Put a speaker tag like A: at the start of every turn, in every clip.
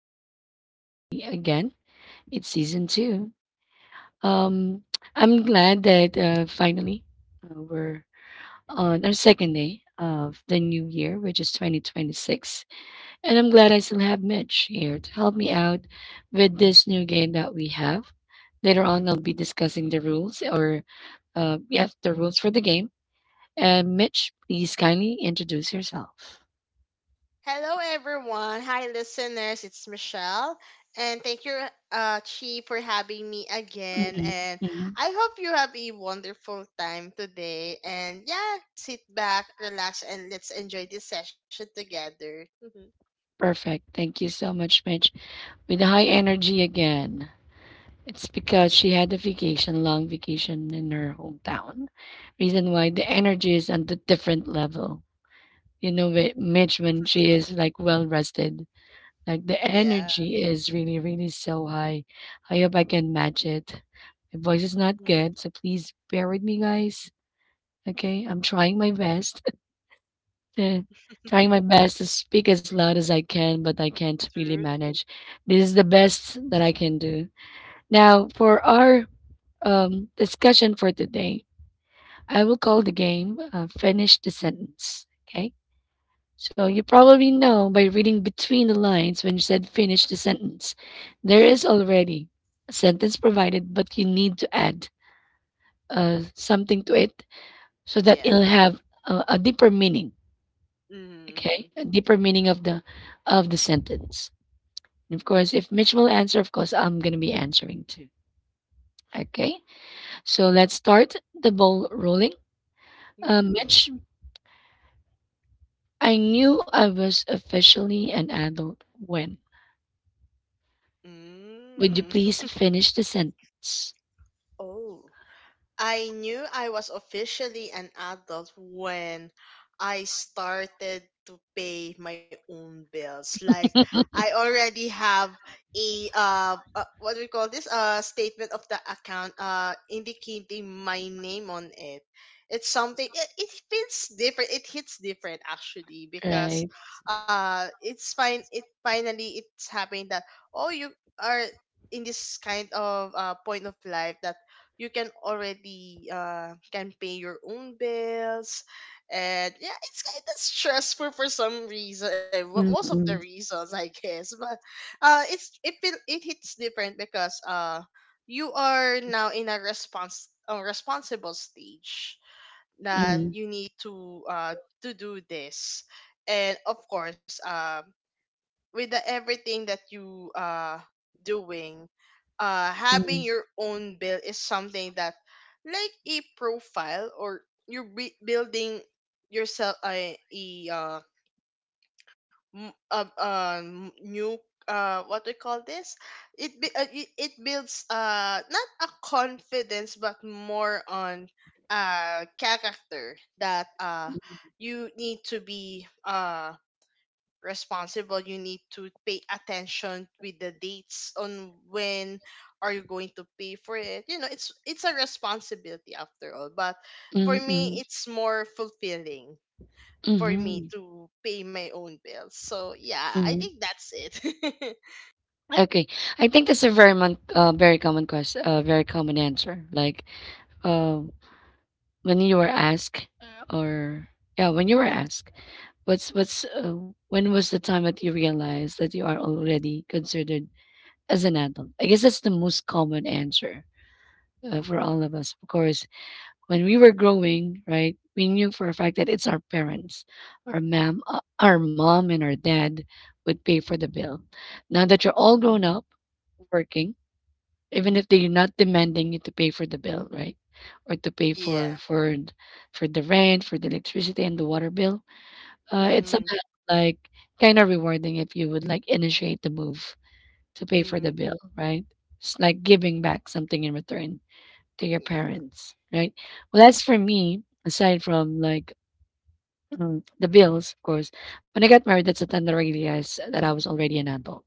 A: to Daily Talk with G again. It's season two. Um, I'm glad that finally we're on our second day of the new year, which is 2026. And I'm glad I still have Mitch here to help me out with this new game that we have. Later on, I'll be discussing the rules or, yes, the rules for the game. And Mitch, please kindly introduce yourself.
B: Hello, everyone. Hi, listeners. It's Michelle, and thank you, Chi, for having me again.
A: Mhm,
B: And
A: mhm.
B: I hope you have a wonderful time today. And yeah, sit back, relax, and let's enjoy this session together.
A: Perfect. Thank you so much, Mitch. With high energy again. It's because she had a vacation, long vacation in her hometown. Reason why the energy is on the different level. You know, with Mitch, when she is like well rested, like the
B: Yeah.
A: energy is really, really so high. I hope I can match it. My voice is not good, so please bear with me, guys. Okay, I'm trying my best. Uh, trying my best to speak as loud as I can, but I can't really
B: Truly.
A: manage. This is the best that I can do. Now, for our discussion for today, I will call the game Finish the Sentence. Okay? So, you probably know by reading between the lines when you said finish the sentence, there is already a sentence provided, but you need to add something to it so that it'll
B: Yeah.
A: have a deeper meaning. Okay,
B: Mm-hmm.
A: a deeper meaning of the sentence. And of course, if Mitch will answer, of course, I'm gonna be answering too. Okay, so let's start the ball rolling.
B: Mm.
A: Mitch, I knew I was officially an adult when. Would you
B: Mm.
A: please finish the sentence?
B: Oh. I knew I was officially an adult when I started to pay my own bills. Like I already have a what do we call this? A statement of the account indicating my name on it. It's something it feels different. It hits different actually
A: Right.
B: because it finally it's happening that oh, you are in this kind of point of life that you can already can pay your own bills. And yeah, it's kind of stressful for some reason, well, most of the
A: Mm-mm,
B: reasons I guess. But it's it feel it hits different because you are now in a responsible stage that
A: mm-mm,
B: you need to do this. And of course, with the everything that you doing,
A: mm-mm,
B: having your own bill is something that, like, a profile, or you're building yourself a new, what do you call this, it be, it it builds not a confidence but more on character, that you need to be responsible. You need to pay attention with the dates on when are you going to pay for it. It's a responsibility after all. But for me,
A: mm-mm,
B: it's more fulfilling for me
A: mhm,
B: to pay my own bills. So yeah, I
A: mhm.
B: think that's it.
A: Okay, I think that's a very very common question, very common answer. Like, uh, when you were asked or yeah, when you were asked what's when was the time that you realized that you are already considered as an adult, I guess that's the most common answer. For all of us, of course, when we were growing, right, we knew for a fact that it's our parents, our mom, our mom and our dad would pay for the bill. Now that you're all grown up, working, even if they're not demanding you to pay for the bill, right? Or to pay
B: Yeah.
A: for the rent, for the electricity and the water bill. It's
B: Mm-hmm.
A: somehow like kind of rewarding if you would like initiate the move to pay for the
B: Mm-hmm.
A: bill, right? It's like giving back something in return to your
B: Yeah.
A: parents, right? Well, as for me, aside from like the bills, of course, when I got married, that's the time that I realized that I was already an adult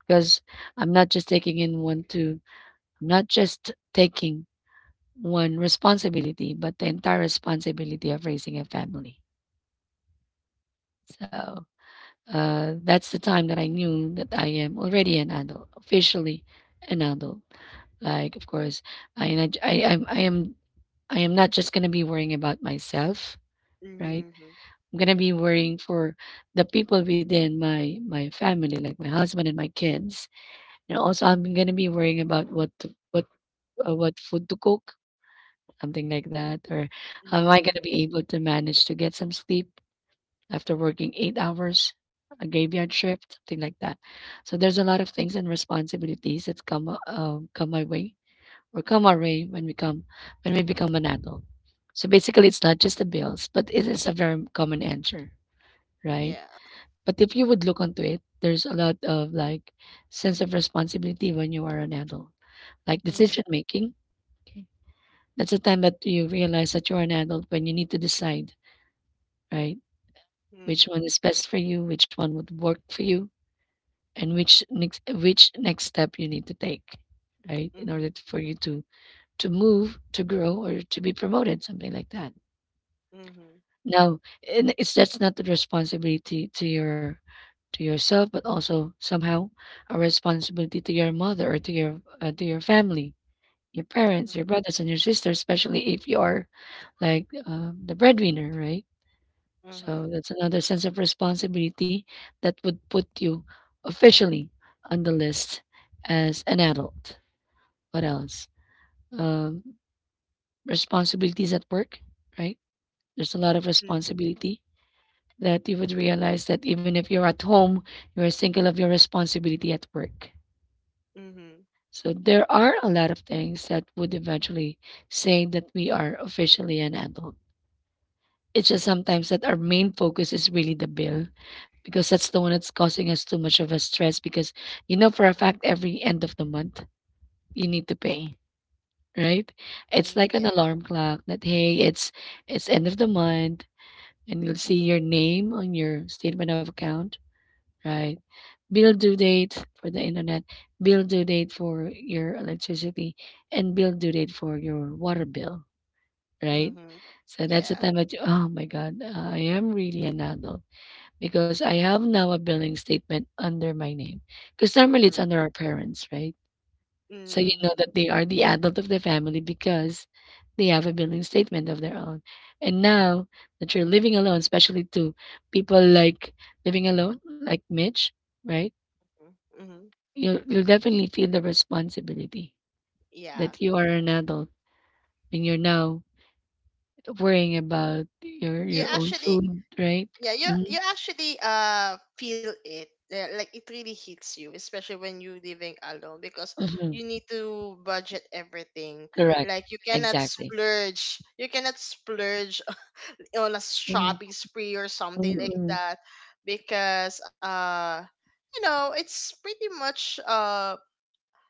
A: because I'm not just taking in one, two. I'm not just taking one responsibility, but the entire responsibility of raising a family. So that's the time that I knew that I am already an adult, officially an adult. Like, of course, I not- I I'm, I am not just gonna be worrying about myself, right?
B: Mm-hmm.
A: I'm gonna be worrying for the people within my family, like my husband and my kids, and also I'm gonna be worrying about what food to cook, something like that? Or how am I going to
B: Mm-hmm.
A: be able to manage to get some sleep after working 8 hours, a graveyard shift, something like that? So there's a lot of things and responsibilities that come my way or come our way when we become an adult. So basically, it's not just the bills, but it is a very common answer, right?
B: Yeah.
A: But if you would look onto it, there's a lot of like sense of responsibility when you are an adult, like decision
B: Mm-hmm.
A: making. That's the time that you realize that you're an adult when you need to decide, right? Which
B: Mm-hmm.
A: one is best for you, which one would work for you, and which next step you need to take, right? In
B: Mm-hmm.
A: for you to move, to grow, or to be promoted, something like that.
B: Mm-hmm.
A: Now, and it's that's not the responsibility to your to yourself, but also somehow a responsibility to your mother or to your family, your parents, your brothers and your sisters, especially if you are like the breadwinner, right? So
B: Mm-hmm.
A: that's another sense of responsibility that would put you officially on the list as an adult. What else? Um, responsibilities at work, right? There's a lot of
B: Mm-hmm.
A: responsibility that you would realize that even if you're at home, you're single of your responsibility at work.
B: Mm-hmm.
A: So there are a lot of things that would eventually say that we are officially an adult. It's just sometimes that our main focus is really the bill because that's the one that's causing us too much of a stress because you know for a fact every end of the month you need to pay, right? It's
B: Mm-hmm.
A: like an
B: Yeah.
A: alarm clock that hey, it's end of the month and you'll see your name on your statement of account, right? Bill due date for the internet, bill due date for your electricity, and bill due date for your water bill, right?
B: Mm-hmm.
A: So that's the
B: Yeah.
A: time that you, oh my God, I am really an adult because I have now a billing statement under my name. Because normally
B: True.
A: it's under our parents, right? So you know
B: Mhm.
A: that they are the adult of the family because they have a billing statement of their own. And now that you're living alone, especially to people like living alone, like Mitch, right?
B: Mhm.
A: You'll definitely feel the responsibility
B: Yeah.
A: that you are an adult and you're now worrying about your
B: You
A: your own
B: actually
A: food, right?
B: yeah, you
A: Mm-hmm.
B: you actually feel it. Yeah, like it really hits you, especially when you living alone because
A: Mm-hmm.
B: you need to budget everything.
A: Correct.
B: Like, you cannot
A: Exactly.
B: splurge. You cannot splurge on a shopping spree or something like
A: Mm-hmm.
B: that, because it's pretty much,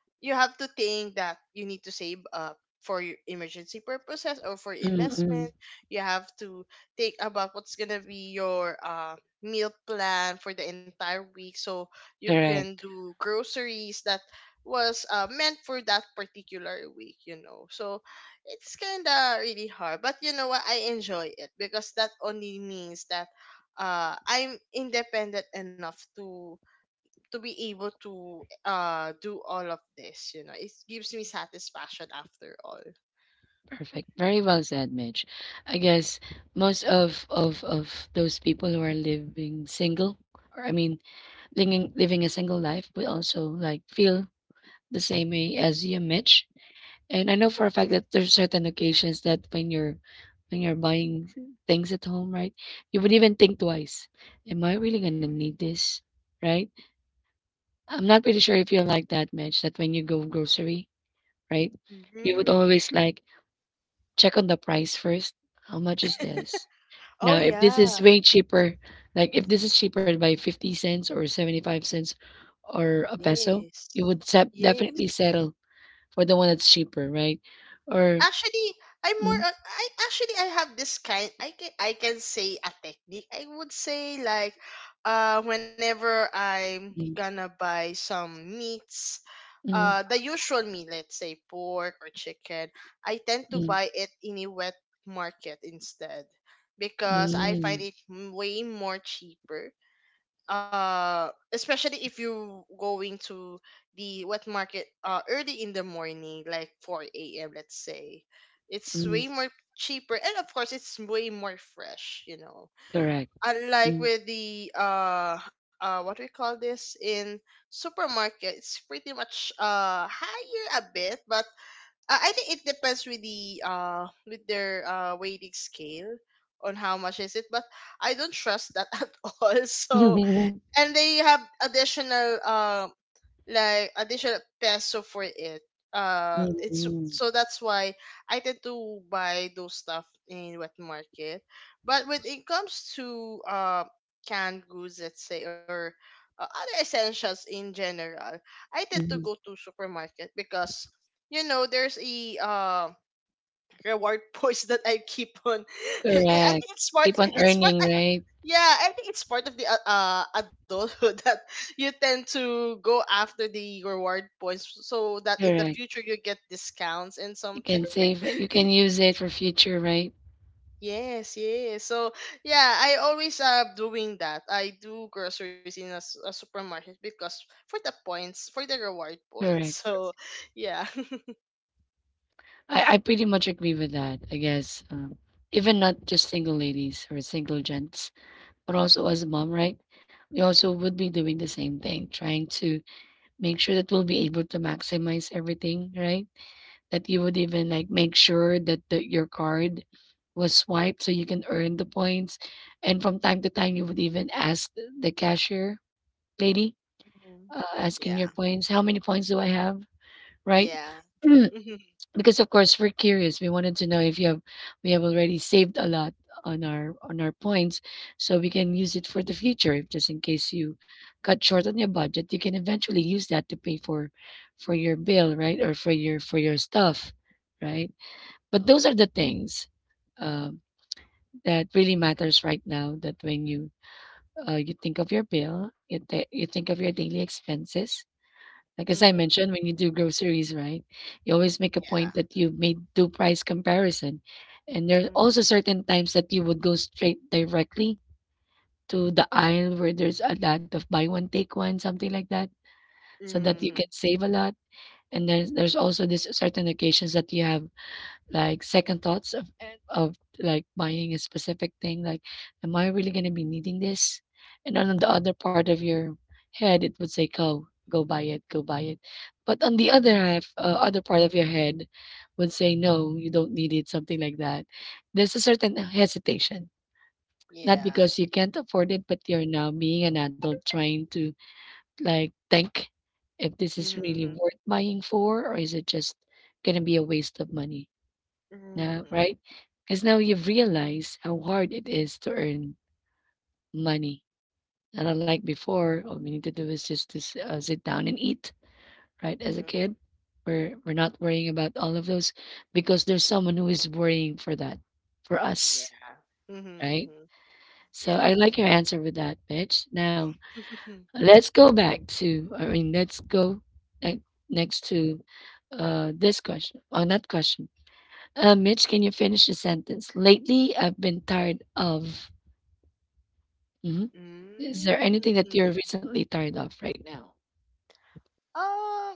B: you have to think that you need to save up for your emergency purposes or for
A: Mm,
B: investment. You have to think about what's gonna be your meal plan for the entire week, so you can
A: correct.
B: do groceries that was meant for that particular week. You know, so it's kinda really hard, but you know what? I enjoy it because that only means that I'm independent enough to be able to do all of this. It gives me satisfaction after all.
A: Perfect. Very well said, Mitch. I guess most of those people who are living single, or I mean, living a single life, will also like feel the same way as you, Mitch. And I know for a fact that there's certain occasions that when you're buying things at home, right, you would even think twice. Am I really gonna need this? Right? I'm not pretty sure if you're like that, Mitch, that when you go grocery, right? You would
B: Mhm.
A: always like check on the price first. How much is this?
B: Oh
A: Now, if this
B: yeah.
A: is way cheaper, like if this is cheaper by 50 cents or 75 cents or a peso,
B: Yes.
A: you would set definitely
B: Yes.
A: settle for the one that's cheaper, right? Or
B: Actually, I'm more
A: mm,
B: on I actually I have this kind I can say a technique. I would say, like, whenever I'm
A: mm,
B: gonna buy some meats,
A: mm,
B: the usual meat, let's say pork or chicken, I tend to
A: mm,
B: buy it in a wet market instead, because I find
A: mm,
B: it way more cheaper, especially if you going to the wet market early in the morning, like 4 a.m, let's say. It's
A: mm,
B: way more cheaper, and of course, it's way more fresh.
A: correct.
B: Unlike
A: Mm.
B: with the what we call this in supermarket, it's pretty much higher a bit. But I think it depends with their weighting scale, on how much is it. But I don't trust that at all. So, and they have additional, like, additional peso for it.
A: Mm,
B: It's
A: mm,
B: so that's why I tend to buy those stuff in wet market. But when it comes to canned goods, let's say, or other essentials in general, I tend to go
A: mm.
B: to supermarket because there's a reward points that I keep on. I
A: Correct.
B: think it's smart.
A: Keep on
B: It's smart.
A: earning, right?
B: Yeah, I think it's part of the adulthood, that you tend to go after the reward points so that in the future
A: Correct.
B: you get discounts and
A: You
B: something.
A: can save it. You can use it for future, right?
B: Yes, yes. So yeah, I always doing that. I do groceries in a supermarket, because for the points, for the reward points.
A: Correct.
B: So yeah.
A: I pretty much agree with that. I guess even not just single ladies or single gents, but also as a mom, right? We also would be doing the same thing, trying to make sure that we'll be able to maximize everything, right? That you would even like make sure that your card was swiped so you can earn the points, and from time to time you would even ask the cashier lady,
B: Mhm. Yeah,
A: asking your points, how many points do I have, right?
B: yeah. Hmm.
A: Because of course we're curious. We wanted to know if you have we have already saved a lot on our points so we can use it for the future if just in case you cut short on your budget, you can eventually use that to pay for your bill, right? Or for your stuff, right? But those are the things um that really matters right now that when you you think of your bill, you think of your daily expenses, like as I
B: Hmm.
A: mentioned, when you do groceries, right? You always make a
B: Yeah.
A: point that you made do price comparison. And there are
B: Mm-hmm.
A: also certain times that you would go straight directly to the aisle where there's a lot of buy one, take one, something like that, so that you
B: Mm-hmm.
A: can save a lot. And there's also this certain occasions that you have like second thoughts of like buying a specific thing like am I really going to be needing this, and then on the other part of your head it would say go buy it, go buy it, but on the other half other part of your head would say no, you don't need it, something like that. There's a certain hesitation, not
B: Yeah.
A: because you can't afford it, but you're now being an adult trying to like think if this is
B: Mm-hmm.
A: really
B: Mm-hmm.
A: worth buying for or is it just going to be a waste of money, yeah,
B: Mm-hmm.
A: right? Because now you've realized how hard it is to earn money. And unlike before, all we need to do is just to sit down and eat, right? As
B: Mm-hmm.
A: a kid, we're not worrying about all of those because there's someone who is worrying for that, for us,
B: Mm-hmm.
A: right?
B: Mm-hmm.
A: So I
B: Yeah.
A: like your answer with that, Mitch. Now,
B: Mhm.
A: let's go back to, I mean, let's go ne- next to this question, or not question, uh, Mitch, can you finish the sentence? Lately, I've been tired of. Mhm. Is there anything that
B: Mm.
A: you're recently tired of right now?
B: Um.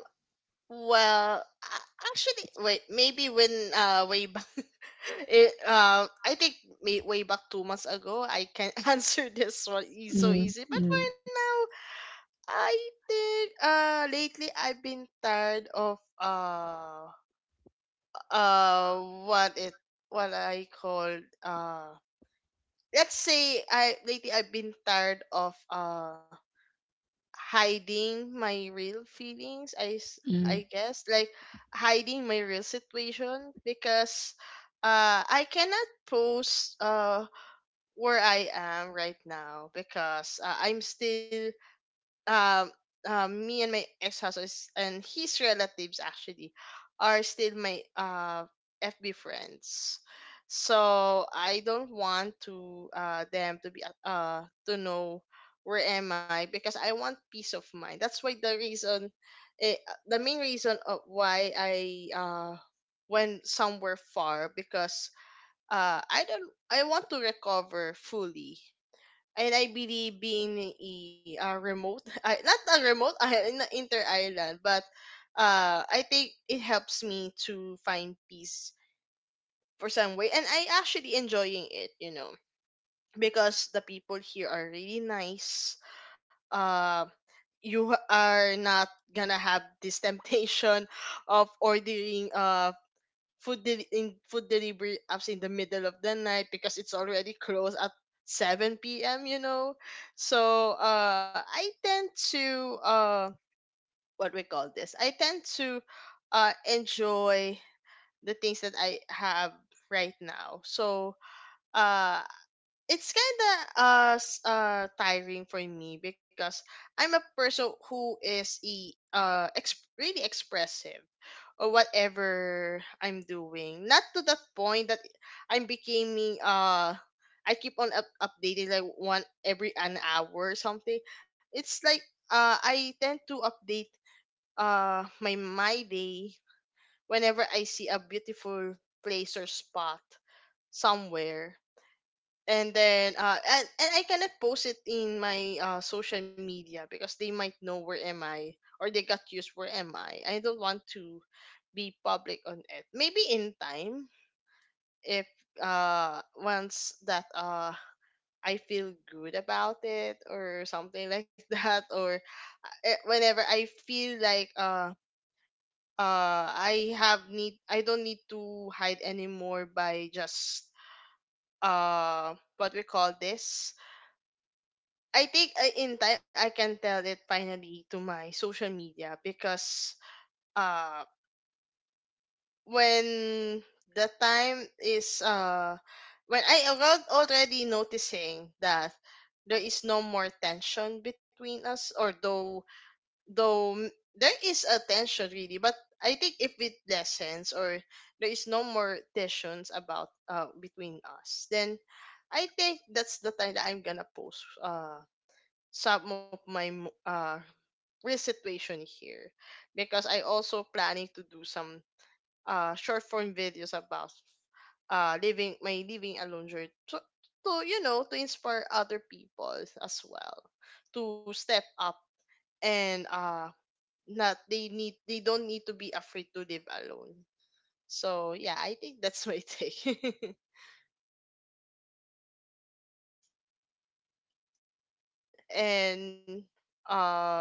B: Well, actually, wait. Maybe when way back, it I think way back 2 months ago, I can answer this one so
A: Mm,
B: easy. But for
A: mm,
B: now, I think lately I've been tired of uh what it what I call uh let's say I lately I've been tired of hiding my real feelings, i s-
A: mm.
B: i guess, like, hiding my real situation. Because I cannot post where I am right now. Because I'm still um, me and my ex-husband, and his relatives actually, are still my FB friends. So I don't want to them to know where am I, because I want peace of mind. That's why eh, the main reason of why I went somewhere far, because I don't I want to recover fully. And I believe being a remote, not a remote, in inter island, but I think it helps me to find peace for some way, and I actually enjoying it, because the people here are really nice. Uh, you are not gonna have this temptation of ordering in food delivery apps in the middle of the night, because it's already closed at 7 p.m. So I tend to, what we call this. I tend to, enjoy the things that I have right now. So uh, it's kind of tiring for me, because I'm a person who is really expressive, or whatever I'm doing. Not to the point that I'm becoming uh I keep on updating, like, one every an hour or something. It's like I tend to update my day whenever I see a beautiful place or spot somewhere, and then and I cannot post it in my social media, because they might know where am I, or they got used where am I. I don't want to be public on it. Maybe in time, if once that I feel good about it, or something like that, or whenever I feel like I don't need to hide anymore, by just what we call this. I think in time I can tell it finally to my social media, because uh when the time is when I already noticing that there is no more tension between us. Or though there is a tension really, but I think if it lessens, or there is no more tensions about between us, then I think that's the time that I'm gonna post some of my real situation here. Because I also planning to do some short form videos about living alone journey, to you know to inspire other people as well. To step up, and not they need they don't need to be afraid to live alone. So yeah, I think that's my take. And uh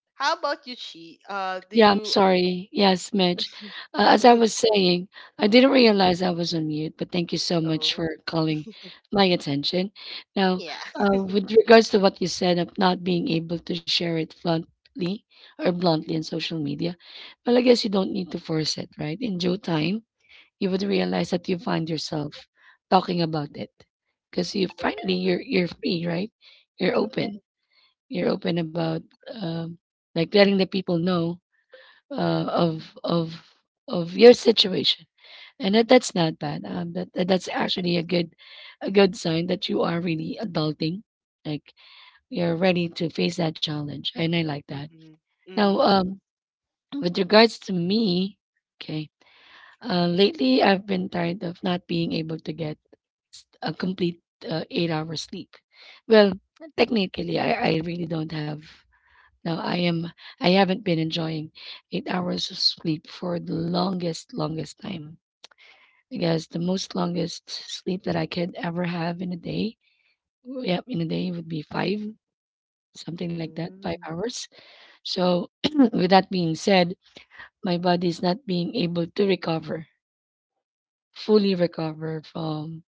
B: how about you, Chi, do
A: Yeah, I'm
B: you—
A: sorry. Yes, Mitch. As I was saying, I didn't
B: Hmm?
A: realize I was on mute, but thank you so much
B: Oh.
A: for calling my attention. Now,
B: Yeah.
A: with regards to what you said of not being able to share it bluntly or bluntly on social media, well, I guess you don't need to force it, right? In due time, you would realize that you find yourself talking about it because you finally
B: Yeah.
A: you're free, right? You're open, you're open about um, like letting the people know of of your situation, and that's not bad, that's actually a good, a good sign that you are really adulting, like you're ready to face that challenge, and I like that.
B: Mhm.
A: Now,
B: Mm.
A: with regards to me, okay, lately, I've been tired of not being able to get a complete 8 hours sleep. Well, technically, I really don't have. No, I am. I haven't been enjoying 8 hours of sleep for the longest, longest time. I guess the most longest sleep that I could ever have in a day, yep, in a day would be five, something like that, five
B: Mhm.
A: hours. So, with that being said, my body is not being able to recover, fully recover from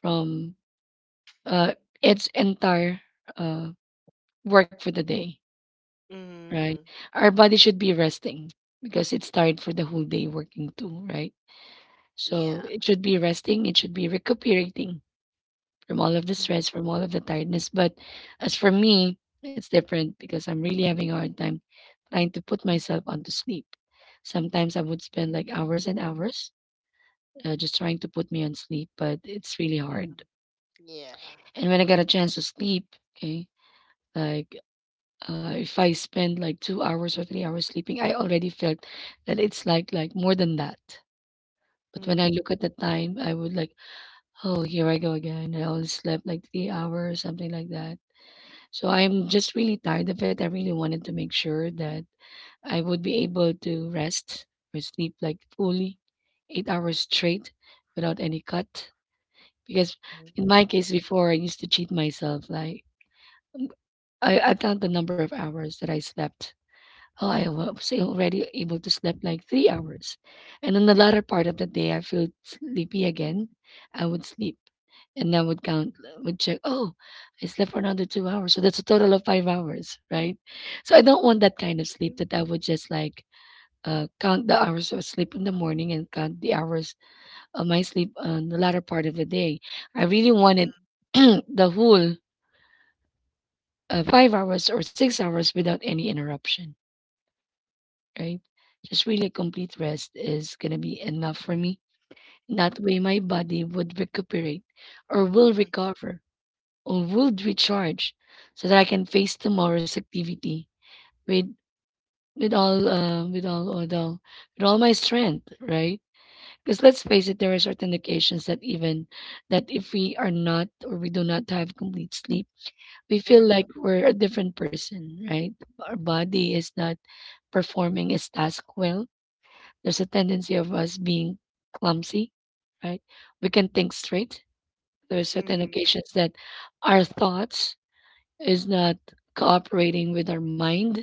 A: from uh, its entire uh, work for the day,
B: Mhm.
A: right? Our body should be resting because it's tired for the whole day working too, right?
B: Yeah.
A: So it should be resting, it should be recuperating from all of the stress, from all of the tiredness. But as for me, it's different because I'm really having a hard time trying to put myself onto sleep. Sometimes I would spend like hours and hours just trying to put me on sleep, but it's really
B: Mhm.
A: hard.
B: Yeah.
A: And when I got a chance to sleep, okay, like uh, if I spend like 2 hours or 3 hours sleeping, I already felt that it's like more than that. But when I
B: Mhm.
A: look at the time, I would like, oh, here I go again. I only slept like 3 hours, something like that. So I'm just really tired of it. I really wanted to make sure that I would be able to rest or sleep like fully 8 hours straight without any cut. Because in my
B: Mhm.
A: case before, I used to cheat myself. Like I count the number of hours that I slept. Oh, I was already able to sleep like 3 hours. And in the latter part of the day, I feel sleepy again. I would sleep and I would count, would check, oh, I slept for another 2 hours. So that's a total of 5 hours, right? So I don't want that kind of sleep that I would just like count the hours of sleep in the morning and count the hours of my sleep on the latter part of the day. I really wanted
B: Mhm.
A: the whole 5 hours or 6 hours without any interruption, right? Just really complete rest is gonna be enough for me. That way, my body would recuperate or will recover or will recharge so that I can face tomorrow's activity with with all uh, with all with all with all my strength, right? Because let's face it, there are certain occasions that even that if we are not or we do not have complete sleep, we feel
B: Mhm.
A: like we're a different person, right? Our body is not performing its task well, there's a tendency of us being clumsy, right? We can think straight. There are certain
B: Mhm.
A: occasions that our thoughts is not cooperating with our mind,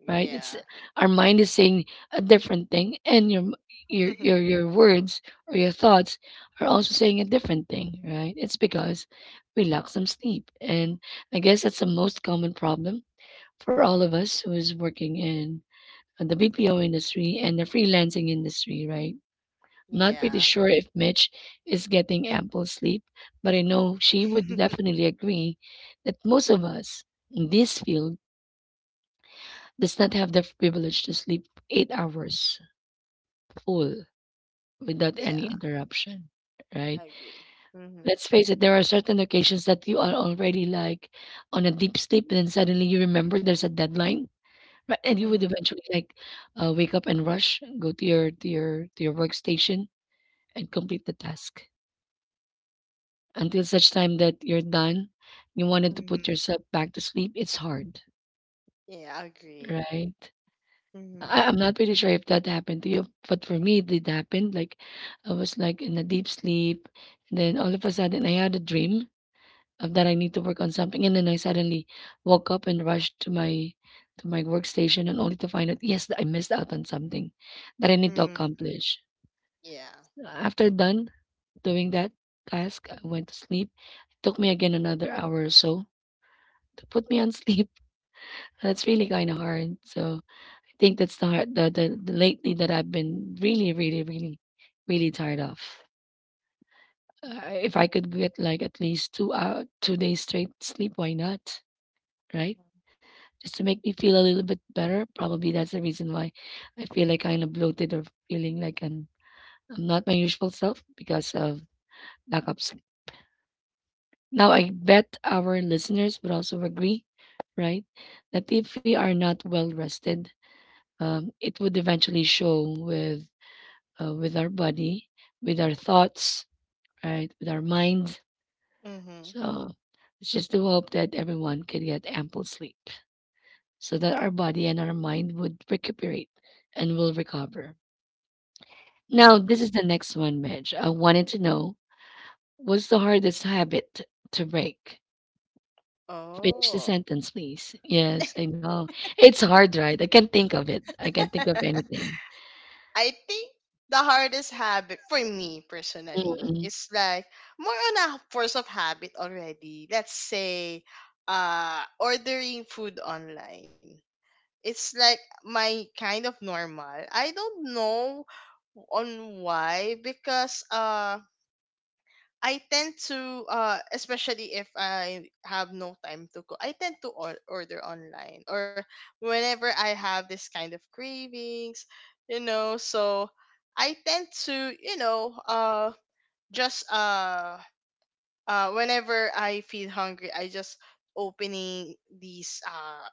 A: right? It's, our mind is saying a different thing, and your your words or your thoughts are also saying a different thing, right? It's because we lack some sleep, and I guess that's the most common problem for all of us who is working in the BPO industry and the freelancing industry, right? Not pretty
B: Yeah.
A: sure if Mitch is getting ample sleep, but I know she would definitely agree that most of us in this field does not have the privilege to sleep 8 hours full without any
B: Yeah.
A: interruption. Right?
B: I agree. Mhm.
A: Let's face it, there are certain occasions that you are already like on a deep sleep, and then suddenly you remember there's a deadline, right? And you would
B: Mhm.
A: eventually like wake up and rush, go to your workstation, and complete the task until such time that you're done, you wanted to
B: Mhm.
A: put yourself back to sleep, it's hard,
B: Yeah, I agree.
A: right?
B: Mhm.
A: I'm not pretty sure if that happened to you, but for me, it did happen. Like, I was like in a deep sleep, and then all of a sudden, I had a dream of that I need to work on something, and then I suddenly woke up and rushed to my workstation, and only to find out yes, that I missed out on something that I need to
B: Mhm.
A: accomplish.
B: Yeah.
A: After done doing that task, I went to sleep. It took me again
B: Mhm.
A: another hour or so to put me on sleep. That's really kind of hard. So I think that's the hard, the lately that I've been really, really, really, really tired of. If I could get like at least 2 hour, 2 days straight sleep, why not? Right? Just to make me feel a little bit better. Probably that's the reason why I feel like kind of bloated or feeling like I'm not my usual self because of lack of sleep. Now I bet our listeners would also agree, right? That if we are not well rested, it would eventually show with our body, with our thoughts, right, with our mind.
B: Mhm.
A: So it's just to hope that everyone can get ample sleep, so that our body and our mind would recuperate and will recover. Now,
B: Mhm.
A: this is the next one, Midge. I wanted to know what's the hardest habit to break? Finish the
B: Oh.
A: sentence, please. Yes, I know. It's hard, right? I can't think of it. I can't think of anything.
B: I think the hardest habit for me personally
A: Mm-mm.
B: is, like, more on a force of habit already. Let's say, ordering food online. It's like my kind of normal. I don't know on why because. I tend to, especially if I have no time to cook, I tend to order online, or whenever I have this kind of cravings. So I tend to, you know, just whenever I feel hungry, I just opening these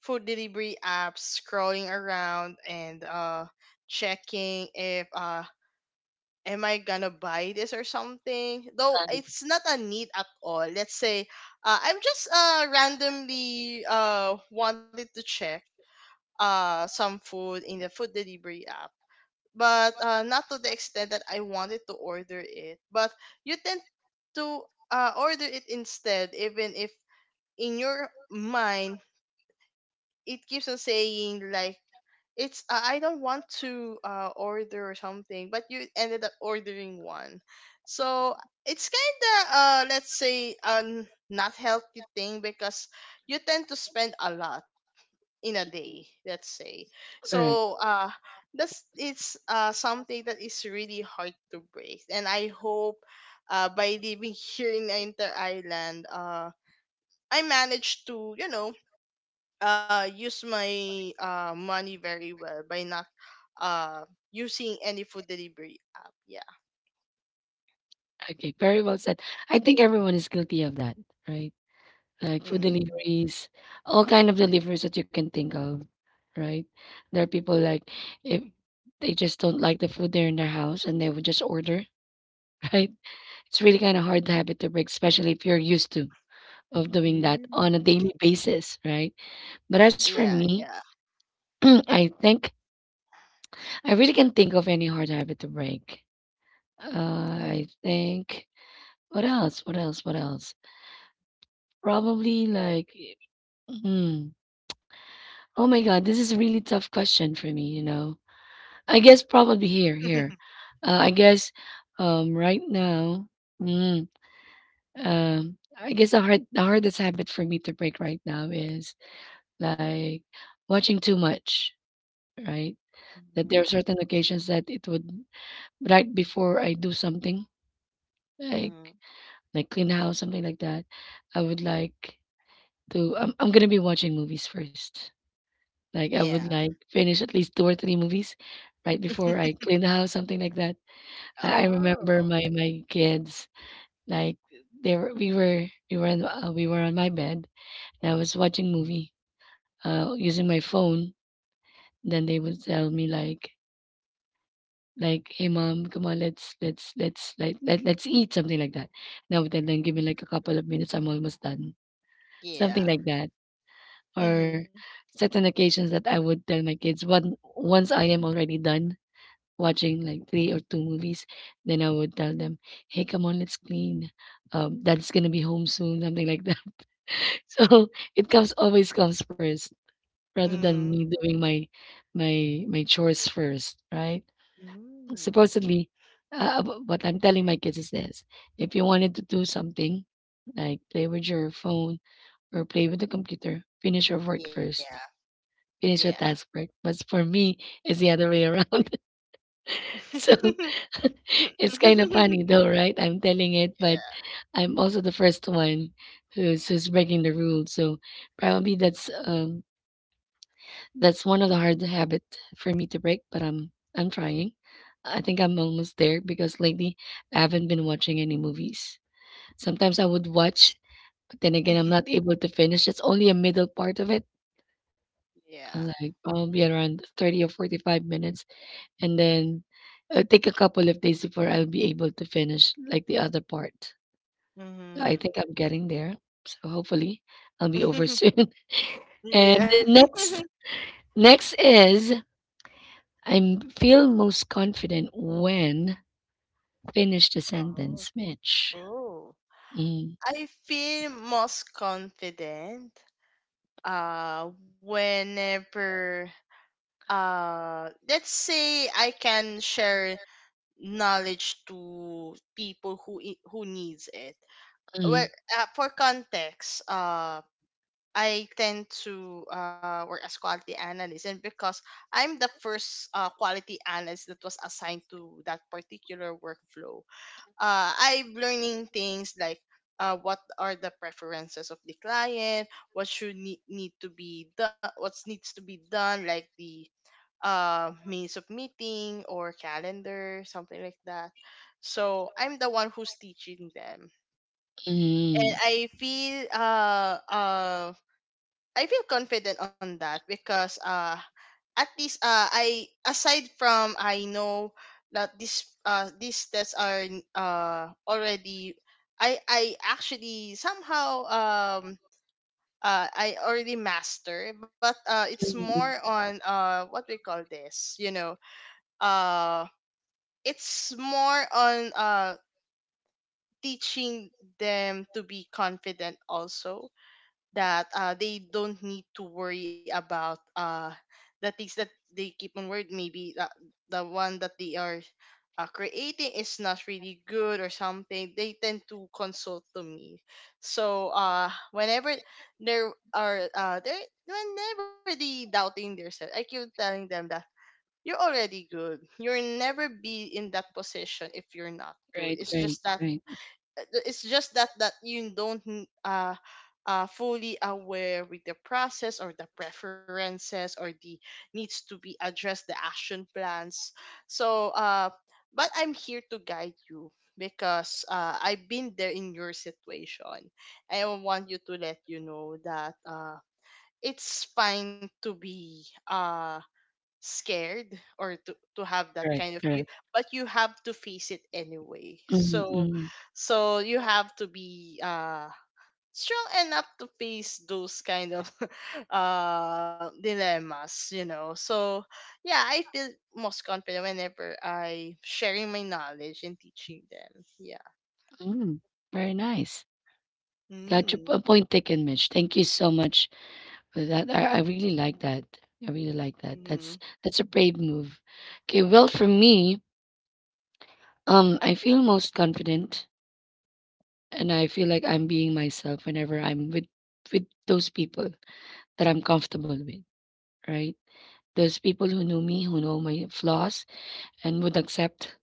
B: food delivery apps, scrolling around, and checking if am I gonna buy this or something? Though
A: Um,
B: it's not a need at all. Let's say, I'm just randomly wanted to check some food in the food delivery app, but not to the extent that I wanted to order it. But you tend to order it instead, even if in your mind it keeps on saying, like, it's I don't want to, order something, but you ended up ordering one. So it's kind of, let's say, not healthy thing, because you tend to spend a lot in a day. Let's say. So.
A: correct.
B: That's it's something that is really hard to break, and I hope by living here in the Inter Island I managed to use my money very well by not uh using any food delivery app. Yeah.
A: Okay, very well said. I think everyone is guilty of that, right? Like food
B: Mm.
A: deliveries, all kind of deliveries that you can think of, right? There are people like if they just don't like the food there in their house and they would just order, right? It's really kind of hard habit to break, especially if you're used to of doing that on a
B: Mm.
A: daily basis, right? But as
B: Yeah,
A: for me,
B: yeah.
A: I think I really can't think of any hard habit to break. Uh, I think what else? What else? What else? Probably like mhm. Oh my god, this is a really tough question for me, you know. I guess probably here, here. I guess right now, mm, I guess the hardest habit for me to break right now is like watching too much, right? That
B: Mhm.
A: there are certain occasions that it would right before I do something, like
B: Mhm.
A: clean house, something like that, I would like to, I'm gonna be watching movies first. Like, I
B: Yeah.
A: would, like, finish at least 2 or 3 movies right before I clean the house, something like that. I remember
B: Oh.
A: my kids, like, they were we were in we were on my bed, and I was watching movie, using my phone. Then they would tell me, like "Hey, mom, come on, like, let's eat," something like that. Now I then, "Give me, like, a
B: Mhm.
A: couple of minutes, I'm almost done," something
B: Yeah.
A: like that. Or
B: Mm-hmm.
A: certain occasions that I would tell my kids, "One once I am already done, watching like 3 or 2 movies, then I would tell them, "Hey, come on, let's clean. Dad's gonna be home soon," something like that. So it comes always comes first, rather than
B: Mm-hmm.
A: me doing my chores first, right?
B: Mm.
A: Supposedly, what I'm telling my kids is this: if you wanted to do something, like play with your phone or play with the computer, finish your work
B: Yeah.
A: first. Finish your
B: Yeah.
A: task first. But for me, it's the other way around. So it's kind of funny though, right? I'm telling it, but
B: Yeah.
A: I'm also the first one who's breaking the rule. So probably that's one of the hard habit for me to break, but I'm trying. I think I'm almost there because lately I haven't been watching any movies. Sometimes I would watch, but then again I'm not able to finish. It's only a middle part of it.
B: Yeah.
A: Like probably around 30 or 45 minutes, and then it'll take a couple of days before I'll be able to finish like the other part. I
B: Mm-hmm.
A: think I'm getting there. So hopefully I'll be over soon. And
B: Yeah.
A: the next next is I am feel most confident when finish the
B: Oh.
A: sentence, Mitch.
B: Oh.
A: Mm,
B: I feel most confident whenever let's say I can share knowledge to people who needs it. Well,
A: mm,
B: for context, I tend to work as quality analyst, and because I'm the first quality analyst that was assigned to that particular workflow, I'm learning things like what are the preferences of the client, need to be done, what needs to be done, like the means of meeting or calendar, something like that. So I'm the one who's teaching them, and
A: mm.
B: I feel confident on that because at least I, aside from, I know that this these tests are already, I actually somehow I already master, but it's more on what we call this uh it's more on teaching them to be confident also, that they don't need to worry about the things that they keep on word. Maybe that the one that they are creating is not really good or something. They tend to consult to me. So whenever there are there whenever they doubting themselves, I keep telling them that you're already good. You'll never be in that position if you're not good.
A: Right,
B: It's
A: right,
B: just that
A: right.
B: uh, it's just that that you don't fully aware with the process or the preferences or the needs to be addressed, the action plans. So but I'm here to guide you because I've been there in your situation. I want you to let you know that it's fine to be scared or to have that
A: Correct,
B: kind of fear,
A: correct.
B: but you have to face it anyway.
A: Mm,
B: So
A: mm,
B: you have to be strong enough to face those kind of dilemmas. So yeah, I feel most confident whenever I sharing my knowledge and teaching them. Yeah.
A: mm. Very nice. Got your
B: Mm.
A: point taken, Mitch. Thank you so much. That I really like that. I really like that.
B: Mm-hmm.
A: That's a brave move. Okay, well for me, I feel most confident and I feel like I'm being myself whenever I'm with those people that I'm comfortable with, right? Those people who know me, who know my flaws, and would accept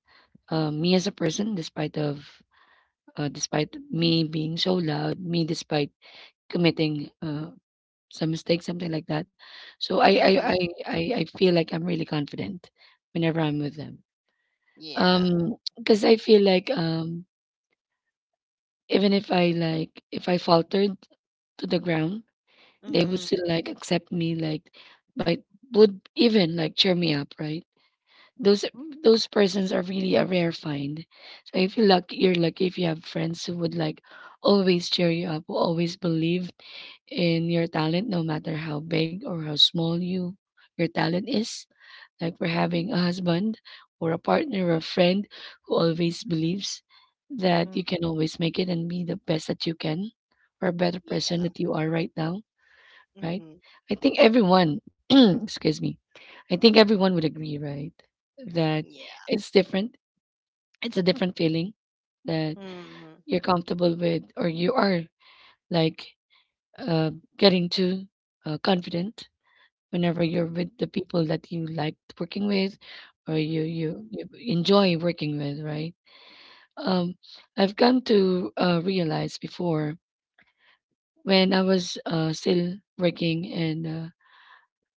A: me as a person despite of despite me being so loud, me despite committing some mistakes, something like that. So I I
B: Mm-hmm.
A: I I, I feel like I'm really confident whenever I'm with them.
B: Yeah.
A: Because I feel like even if I like if I faltered to the ground, they would
B: Mm-hmm.
A: still like accept me, like like would even like cheer me up, right? Those those persons are really a rare find. So I feel lucky, you're lucky if you have friends who would like always cheer you up, who always believe in your talent no matter how big or how small you your talent is, like for having a husband or a partner or a friend who always believes that you can always make it and be the best that you can or a better person
B: Yeah.
A: that you are right now, right?
B: Mm-hmm.
A: I think everyone excuse me, I think everyone would agree, right? That
B: Yeah.
A: it's different. It's a different feeling, that
B: Mm-hmm.
A: you're comfortable with or you are like, uh, getting too confident whenever you're with the people that you like working with or you enjoy working with, right? um I've come to realize before, when I was still working in a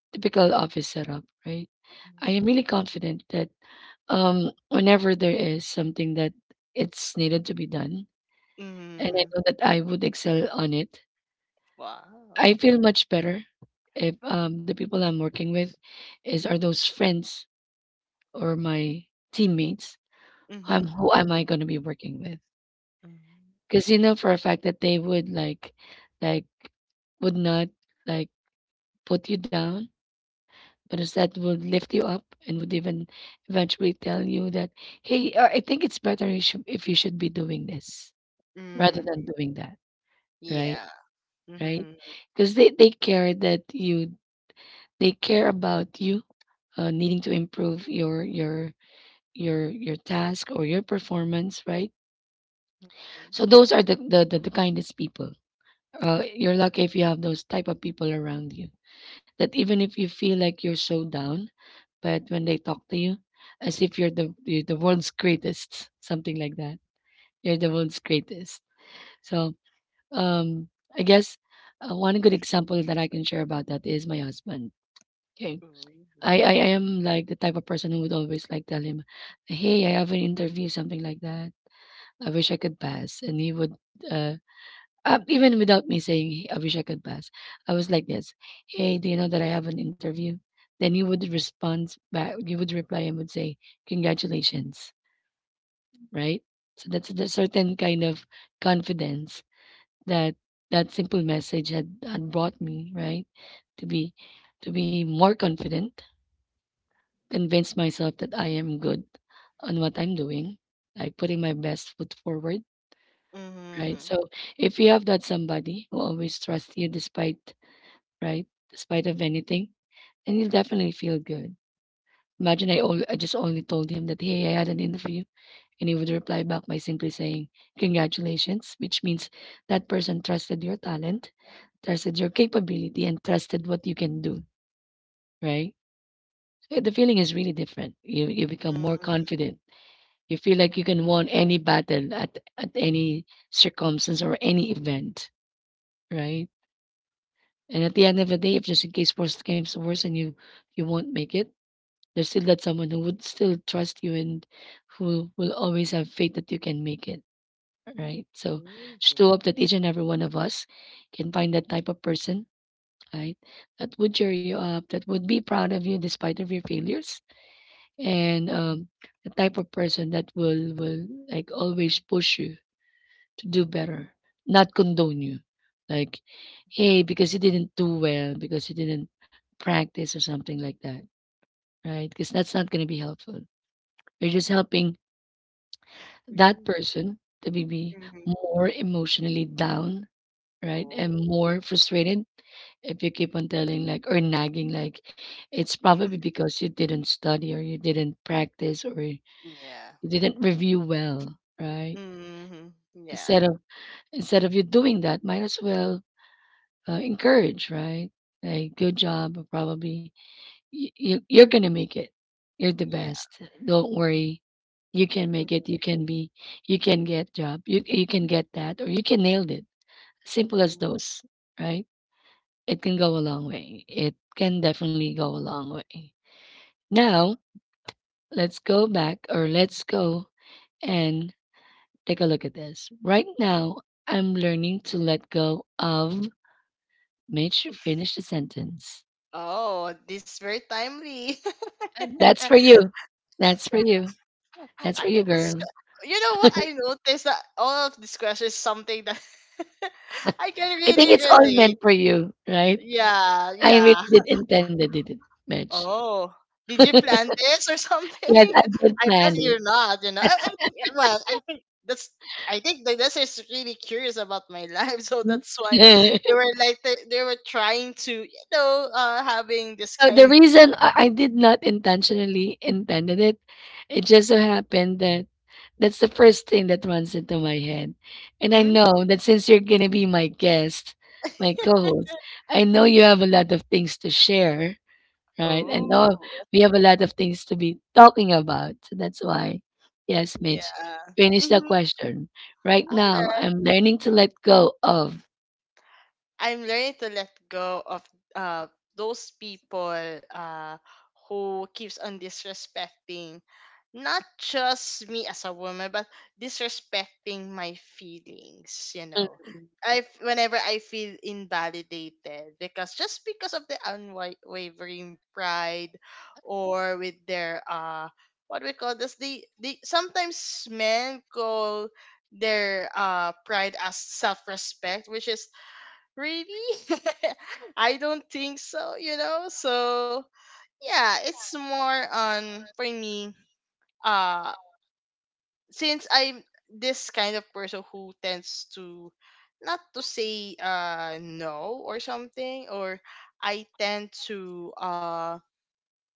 A: typical office setup, right? I am really confident that whenever there is something that it's needed to be done and I
B: Mhm.
A: know that I would excel on it, I
B: Wow.
A: feel much better if the people I'm working with is are those friends or my teammates,
B: Mhm.
A: who am I gonna be working with?
B: Mhm.
A: Because you know for a fact that they would like would not like put you down, but instead would lift you up and would even eventually tell you that, hey, I think it's better you should, if you should be doing this rather than
B: Mhm.
A: doing that, right?
B: Yeah.
A: Right?
B: Mhm.
A: Because they care that you they care about you needing to improve your task or your performance, right?
B: Mhm.
A: So those are the kindest people. You're lucky if you have those type of people around you. That even if you feel like you're so down, but when they talk to you, as if you're the world's greatest, something like that. You're the world's greatest. So um, I guess one good example that I can share about that is my husband. Okay.
B: Ooh.
A: I am like the type of person who would always like tell him, "Hey, I have an interview, something like that. I wish I could pass," and he would uh, uh, even without me saying, "Hey, I wish I could pass, I was like this. Hey, do you know that I have an interview?" Then he would respond back. He would reply and would say, "Congratulations!" Right? So that's a certain kind of confidence that that simple message had brought me, right, to be to be more confident, convince myself that I am good on what I'm doing, like putting my best foot forward. Right.
B: Mhm.
A: So if you have that somebody who always trusts you despite, right? Despite of anything, and you'll definitely feel good. Imagine I all I just only told him that hey, I had an interview, and he would reply back by simply saying congratulations, which means that person trusted your talent, trusted your capability, and trusted what you can do, right? So the feeling is really different. You become more
B: Mhm.
A: confident. You feel like you can win any battle at any circumstance or any event, right? And at the end of the day, if just in case worst comes to worst and you won't make it, there's still that someone who would still trust you and who will always have faith that you can make it, right? So
B: Mhm.
A: just to
B: Mhm.
A: hope that each and every one of us can find that type of person, right? That would cheer you up, that would be proud of you despite of your failures, and the type of person that will like always push you to do better, not condone you, like hey, because you didn't do well, because you didn't practice or something like that, right? Because that's not going to be helpful. You're just helping that
B: Mhm.
A: person to be
B: Mhm.
A: more emotionally down, right?
B: Oh,
A: And more frustrated if you keep on telling like or nagging like it's probably because you didn't study or you didn't practice or you
B: yeah.
A: didn't review well, right?
B: Mhm. Yeah.
A: Instead of Instead of you doing that, might as well encourage, right? Like good job, or probably you're gonna make it. You're the
B: Yeah.
A: best. Don't worry. You can make
B: Mhm.
A: it. You can be. You can get job. You can get that, or you can nail it. Simple as
B: Mhm.
A: those, right? It can go a long way. It can definitely go a long way. Now let's go back, or let's go and take a look at this. Right now, I'm learning to let go of. Make sure finish the sentence.
B: Oh, this is very timely.
A: That's for you. That's for you. That's
B: I
A: for you,
B: think it's,
A: girl.
B: you know what, I noticed that all of this question is something that I can
A: I think
B: really
A: it's all
B: relate.
A: meant for you, right?
B: Yeah,
A: I
B: yeah.
A: really did intend it didn't match.
B: Oh, did you plan this or something?
A: Yes, I did
B: I bet
A: plan it.
B: you're not. I think, well, I think that's, I think the that's is really curious about my life, so
A: Mm.
B: that's why they were trying to, having this
A: So the
B: kind
A: reason I did not intentionally intended it, it just so happened that that's the first thing that runs into my head. And
B: of,
A: I
B: mm,
A: know that since you're gonna be my guest, my co-host, I know you have a lot of things to share, right? I
B: Oh,
A: know we have a lot of things to be talking about. So that's why, yes, Mitch,
B: yeah.
A: finish the
B: Mm-hmm.
A: question. Right now, I'm learning to let go of.
B: I'm learning to let go of uh those people uh who keeps on disrespecting, not just me as a woman but disrespecting my feelings.
A: Mm.
B: Whenever I feel invalidated, because just because of the unwavering pride, or with their what we call this, the sometimes men call their pride as self-respect which is Really? I don't think so, you know? So, yeah, it's more on for me. uh since I'm this kind of person who tends to not to say no or something, or I tend to uh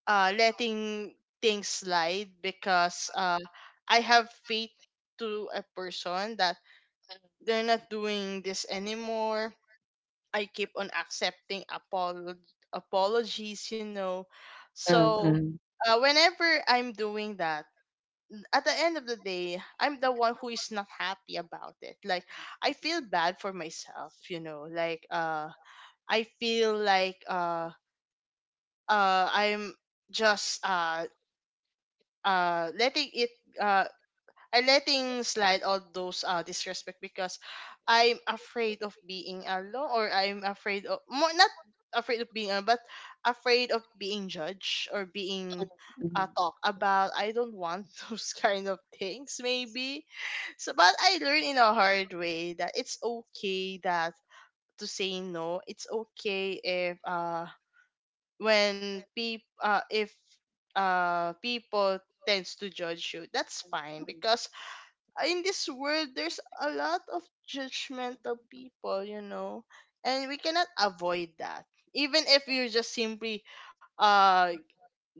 B: uh letting things slide because I have faith to a person that they're not doing this anymore. I keep on accepting apologies. So whenever I'm doing that, at the end of the day, I'm the one who is not happy about it. Like, I feel bad for myself. Like I feel like I'm just letting it uh, I letting slide all those disrespect, because I'm afraid of being alone, or I'm afraid of more, not afraid of being alone but afraid of being judged or being talk about. I don't want those kind of things, maybe. So but I learned in a hard way that it's okay that to say no. It's okay if people tends to judge you. That's fine, because in this world there's a lot of judgmental people, and we cannot avoid that, even if you're just simply uh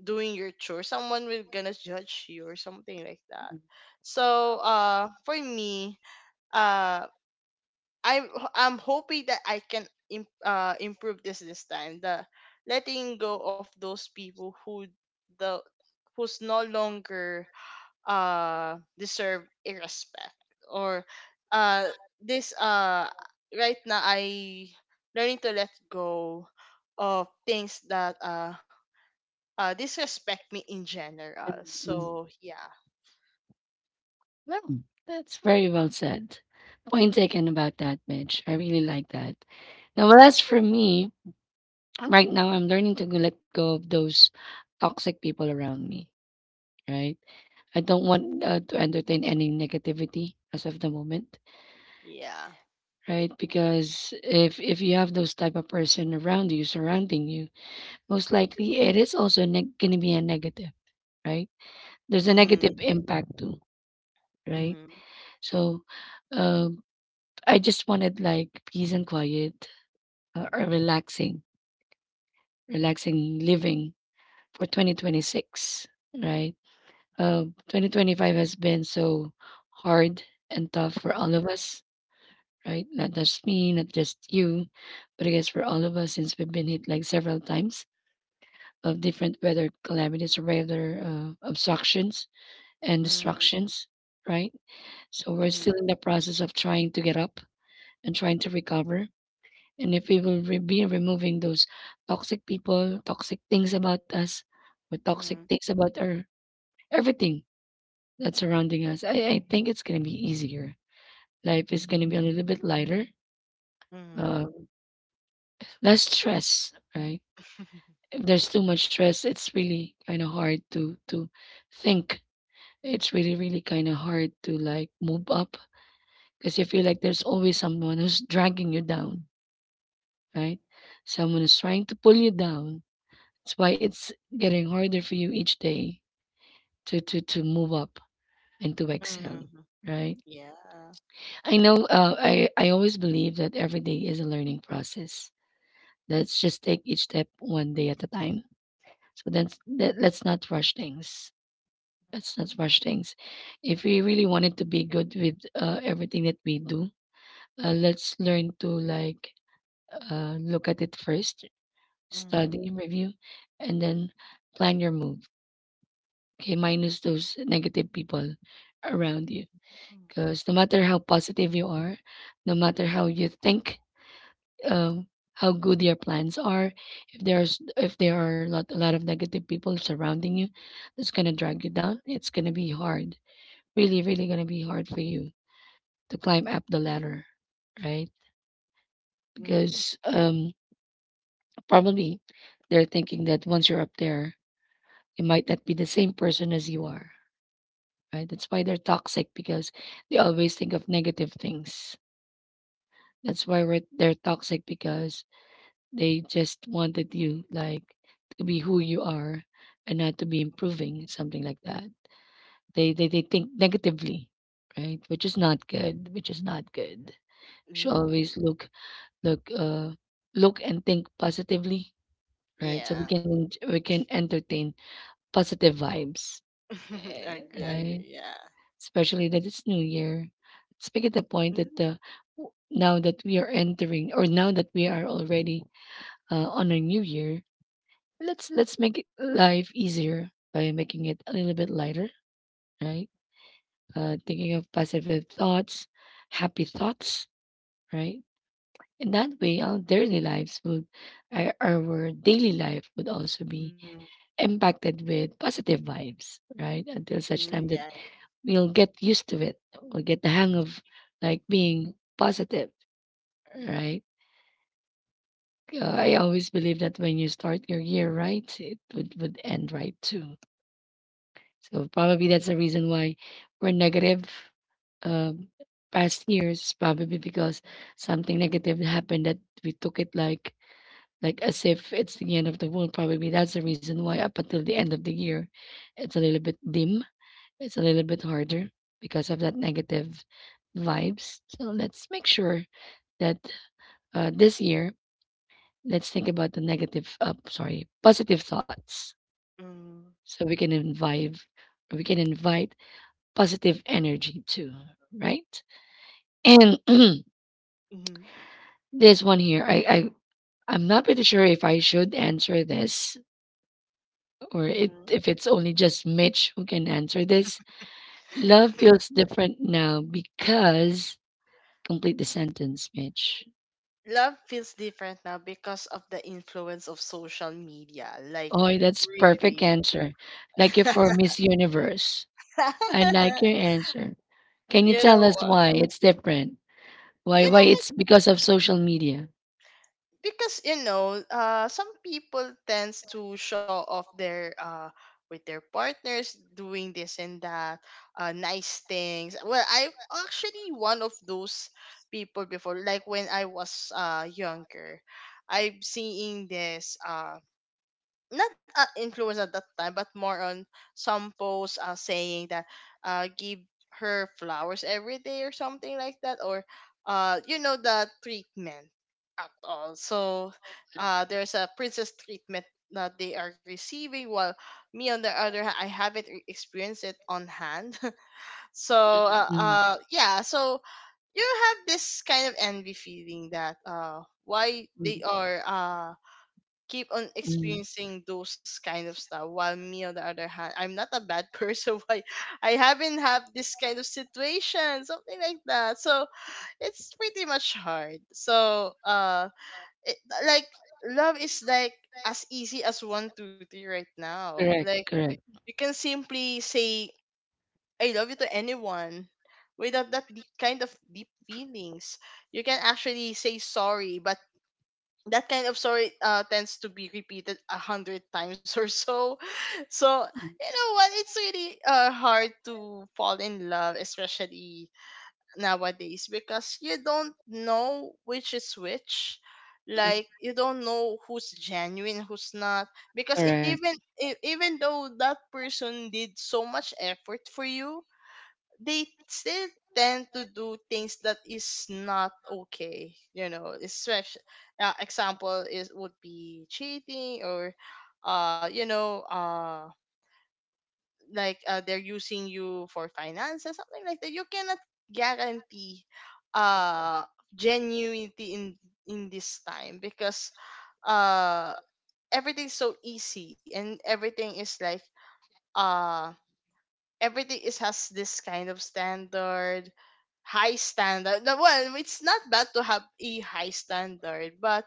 B: doing your chore, someone will gonna judge you or something like that. So for me, uh i'm I'm hoping that I can improve this This time, the letting go of those people who the who's no longer deserve a respect, or uh this right now I learning to let go of things that disrespect me in general. So yeah,
A: Well, that's very well said. Point taken about that, Mitch. I really like that. Now, well, as for me, right now, I'm learning to let go of those toxic people around me, right? I don't want to entertain any negativity as of the moment,
B: yeah.
A: right? Because if you have those type of person around you, surrounding you, most likely it is also gonna be a negative, right? There's a
B: Mm.
A: negative impact too, right?
B: Mm.
A: So, uh, I just wanted like peace and quiet, or relaxing, relaxing living for 2026, right? 2025 has been so hard and tough for
B: Mm.
A: all of us, right? Not just me, not just you, but I guess for all of us since we've been hit like several times of different weather calamities or weather obstructions and distractions, right? So
B: Mm.
A: we're still
B: Mm.
A: in the process of trying to get up and trying to recover. And if we will be removing those toxic people, toxic things about us, or toxic
B: Mm.
A: things about our everything that's surrounding us, I think it's going to be easier. Life is going to be a little bit lighter,
B: Mm.
A: um, less stress, right? If there's too much stress, it's really kind of hard to think. It's really, really kinda hard to, like, move up, cause you feel like there's always someone who's dragging you down, right? Someone is trying to pull you down. That's why it's getting harder for you each day to move up and to excel,
B: Mm.
A: right?
B: Yeah.
A: I know, I always believe that every day is a learning process. Let's just take each step one day at a time. So that's let, let's not rush things. Let's not rush things. If we really wanted to be good with, everything that we do, uh, let's learn to like look at it first,
B: Mm.
A: study, review, and then plan your move. Okay, minus those negative people around
B: Yeah.
A: you. Because no matter how positive you are, no matter how you think, um, how good your plans are, if there's if there are a lot of negative people surrounding you, that's gonna drag you down. It's gonna be hard, really, really gonna be hard for you to climb up the ladder, right? Because
B: Mm.
A: probably they're thinking that once you're up there, it might not be the same person as you are, right? That's why they're toxic because they always think of negative things. That's why they're toxic because they just wanted you like to be who you are and not to be
B: Mm.
A: improving, something like that. They think negatively, right? Which is not good, which is not good. Should always
B: Mm.
A: look look, look and think positively, right? So we can
B: Yeah.
A: we can entertain positive vibes,
B: I I
A: right?
B: agree, yeah.
A: Especially that it's New Year. Let's make it a point that
B: Mm.
A: now that we are entering, or now that we are already on a New Year, let's make it life easier by making it a little bit lighter, right? Thinking of positive thoughts, happy thoughts, right? In that way, our daily life would also be
B: Mm.
A: impacted with positive vibes, right? Until such time
B: Mm.
A: that
B: Yeah.
A: we'll get used to it. We'll get the hang of like being positive, right? I always believe that when you start your year right, it would end right too. So probably that's the reason why we're negative um, past years, probably because something negative happened that we took it like as if it's the end of the world. Probably that's the reason why up until the end of the year, it's a little bit dim. It's a little bit harder because of that negative vibes. So let's make sure that this year, let's think about the positive thoughts.
B: Mm.
A: So we can invite positive energy too, right? And
B: Hmm.
A: this one here, I'm not pretty sure if I should answer this or
B: Mm.
A: if it's only just Mitch who can answer this. Love feels different now because, complete the sentence, Mitch.
B: Love feels different now because of the influence of social media. Like,
A: Oh, that's perfect
B: really.
A: answer. Like it for Miss Universe. I like your answer. Can you
B: you know,
A: tell us
B: uh,
A: why it's different?
B: you
A: Why
B: know
A: it's because of social media?
B: because some people tends to show off their with their partners doing this and that, nice things. Well, I'm actually one of those people before, like when I was younger, I'm seeing this, not influence at that time, but more on some posts saying that give her flowers every day or something like that, or you know, the treatment at all. So there's a princess treatment that they are receiving, while me, on the other hand, I haven't experienced it on hand. So
A: Mm,
B: yeah, so you have this kind of envy feeling that why they are keep on
A: mm.
B: experiencing those kind of stuff, while me, on the other hand, I'm not a bad person. Why I haven't have this kind of situation, something like that. So it's pretty much hard. So it, like, love is like as easy as 1-2-3 right now.
A: Correct,
B: Like,
A: correct.
B: you can simply say I love you to anyone without that deep, kind of deep feelings. You can actually say sorry, but that kind of story tends to be repeated 100 times or so. So
A: Mm,
B: you know what? It's really hard to fall in love, especially nowadays, because you don't know which is which.
A: mm,
B: Like, you don't know who's genuine, who's not. Because
A: correct.
B: even though that person did so much effort for you, they still tend to do things that is not okay, especially example is would be cheating, or uh you know uh like they're using you for finances, something like that. You cannot guarantee uh genuinity in this time, because uh everything's so easy, and everything is like uh everything is has this kind of standard, high standard. No, well, it's not bad to have a high standard, but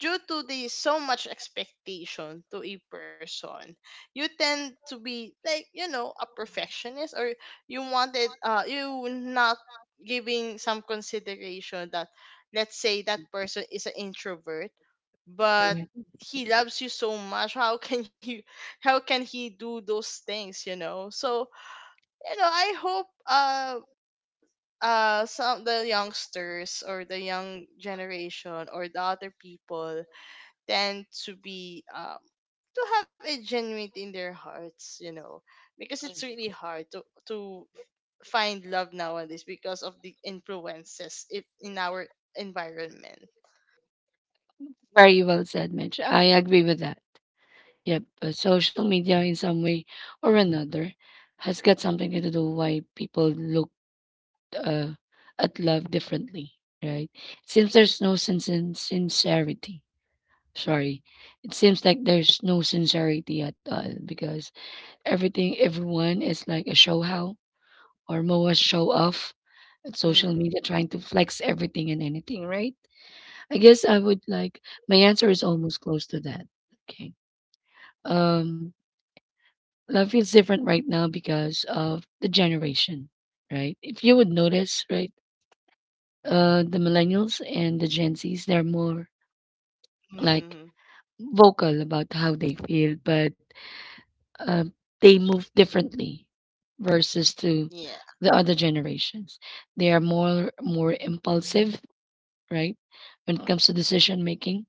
B: due to the so much expectation to a person, you tend to be like, you know, a perfectionist, or you wanted you not giving some consideration that let's say that person is an introvert, but
A: Correct.
B: he loves you so much. How can you how can he do those things, you know? So you know, I hope some the youngsters, or the young generation, or the other people, tend to be to have a genuine in their hearts, you know, because it's really hard to find love nowadays because of the influences it, in our environment.
A: Very well said, Mitch. I agree with that. Yep. Social media, in some way or another, has got something to do why people look uh, at love differently, right? Since there's no sense in sincerity, sorry, it seems like there's no sincerity at all because everyone is like a show how, or more a
B: Mm-hmm.
A: show off at social media trying to flex everything and anything, right? I guess I would like my answer is almost close to that. Okay. Um Life feels different right now because of the generation, right? If you would notice, right, the millennials and the Gen Zs, they're more
B: Mm-hmm.
A: like vocal about how they feel, but uh, they move differently
B: Yeah.
A: versus to the other generations. They are more impulsive, right? When it comes to decision making,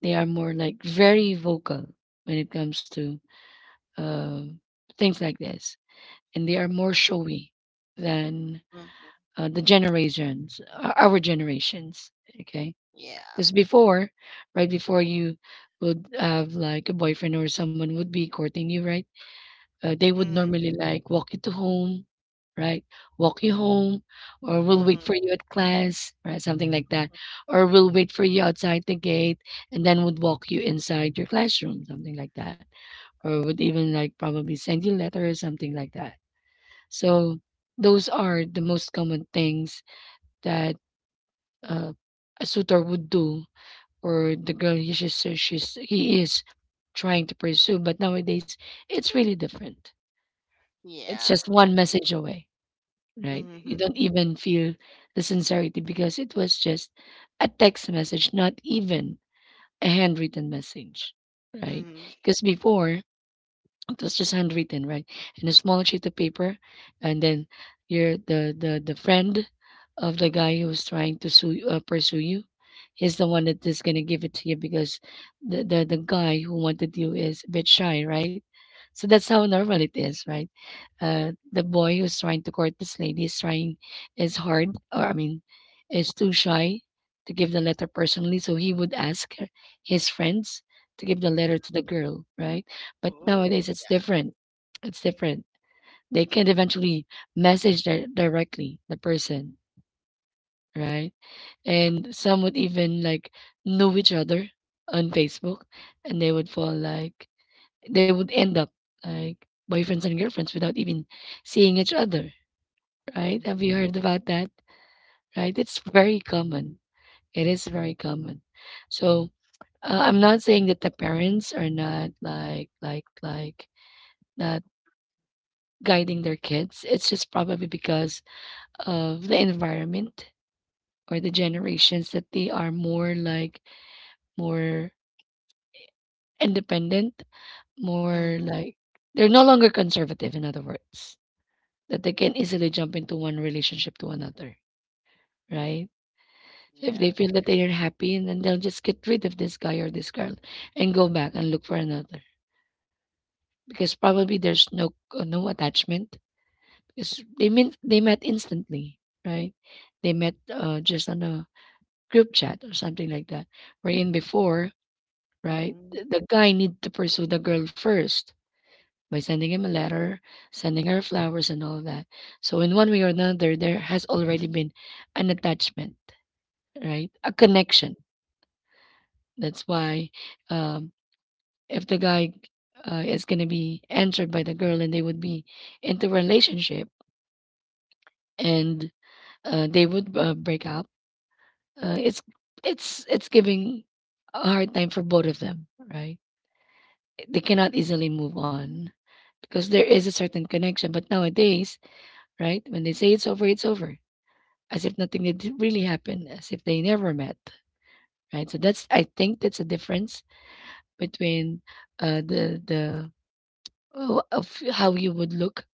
A: they are more like very vocal when it comes to uh, things like this, and they are more showy than
B: Mm-hmm.
A: our generations. Okay,
B: Yeah.
A: because before, right before you would have like a boyfriend or someone would be courting you, right? They would
B: Mm-hmm.
A: normally like walk you to home, right? Walk you home, or we'll
B: Mm-hmm.
A: wait for you at class, right? Something like that. Or we'll wait for you outside the gate and then would walk you inside your classroom, something like that. Or would even like probably send you letters, something like that. So those are the most common things that uh, a suitor would do or the girl he is trying to pursue. But nowadays, it's really different.
B: Yeah.
A: It's
B: I
A: just one
B: agree.
A: message away, right?
B: Mm-hmm.
A: You don't even feel the sincerity because it was just a text message, not even a handwritten message, right?
B: Mm-hmm. Mm-hmm.
A: Because before it was just handwritten, right? In a small sheet of paper, and then you're the friend of the guy who's trying to pursue you. He's the one that is gonna give it to you because the guy who wanted you is a bit shy, right? So that's how normal it is, right? The boy who's trying to court this lady is trying is hard, or I mean is too shy to give the letter personally, so he would his friends to give the letter to the girl, right? But
B: Ooh.
A: nowadays it's different, it's different. They can eventually message directly the person, right? And some would even like know each other on Facebook and they would fall like they would end up like boyfriends and girlfriends without even seeing each other,
B: Mm.
A: right?
B: Yeah.
A: Have you heard about that? Right? It's very common. It is very common. So I'm not saying that the parents are not not guiding their kids. It's just probably because of the environment or the generations that they are more like more independent, more
B: Mhm.
A: like they're no longer conservative. In other words, that they can easily jump into one relationship to another,
B: Mm.
A: right? So if they
B: Yeah.
A: feel that they are happy, and then they'll just get rid of this guy or this girl and go back and look for another because probably there's no attachment because they met instantly, right? They met just on a group chat or something like that. Wherein before, right,
B: Mm.
A: the guy need to pursue the girl first by sending him a letter, sending her flowers and all that. So in one way or another, there has already been an attachment, right? A connection. That's why um, if the guy is going to be entered by the girl and they would be into a relationship and they would break up, it's it's giving a hard time for both of them, right? They cannot easily move on because there is a certain connection, but nowadays, right, when they say it's over, it's over, as if nothing had really happened, as if they never met, right? So that's I think that's a difference between the of how you would look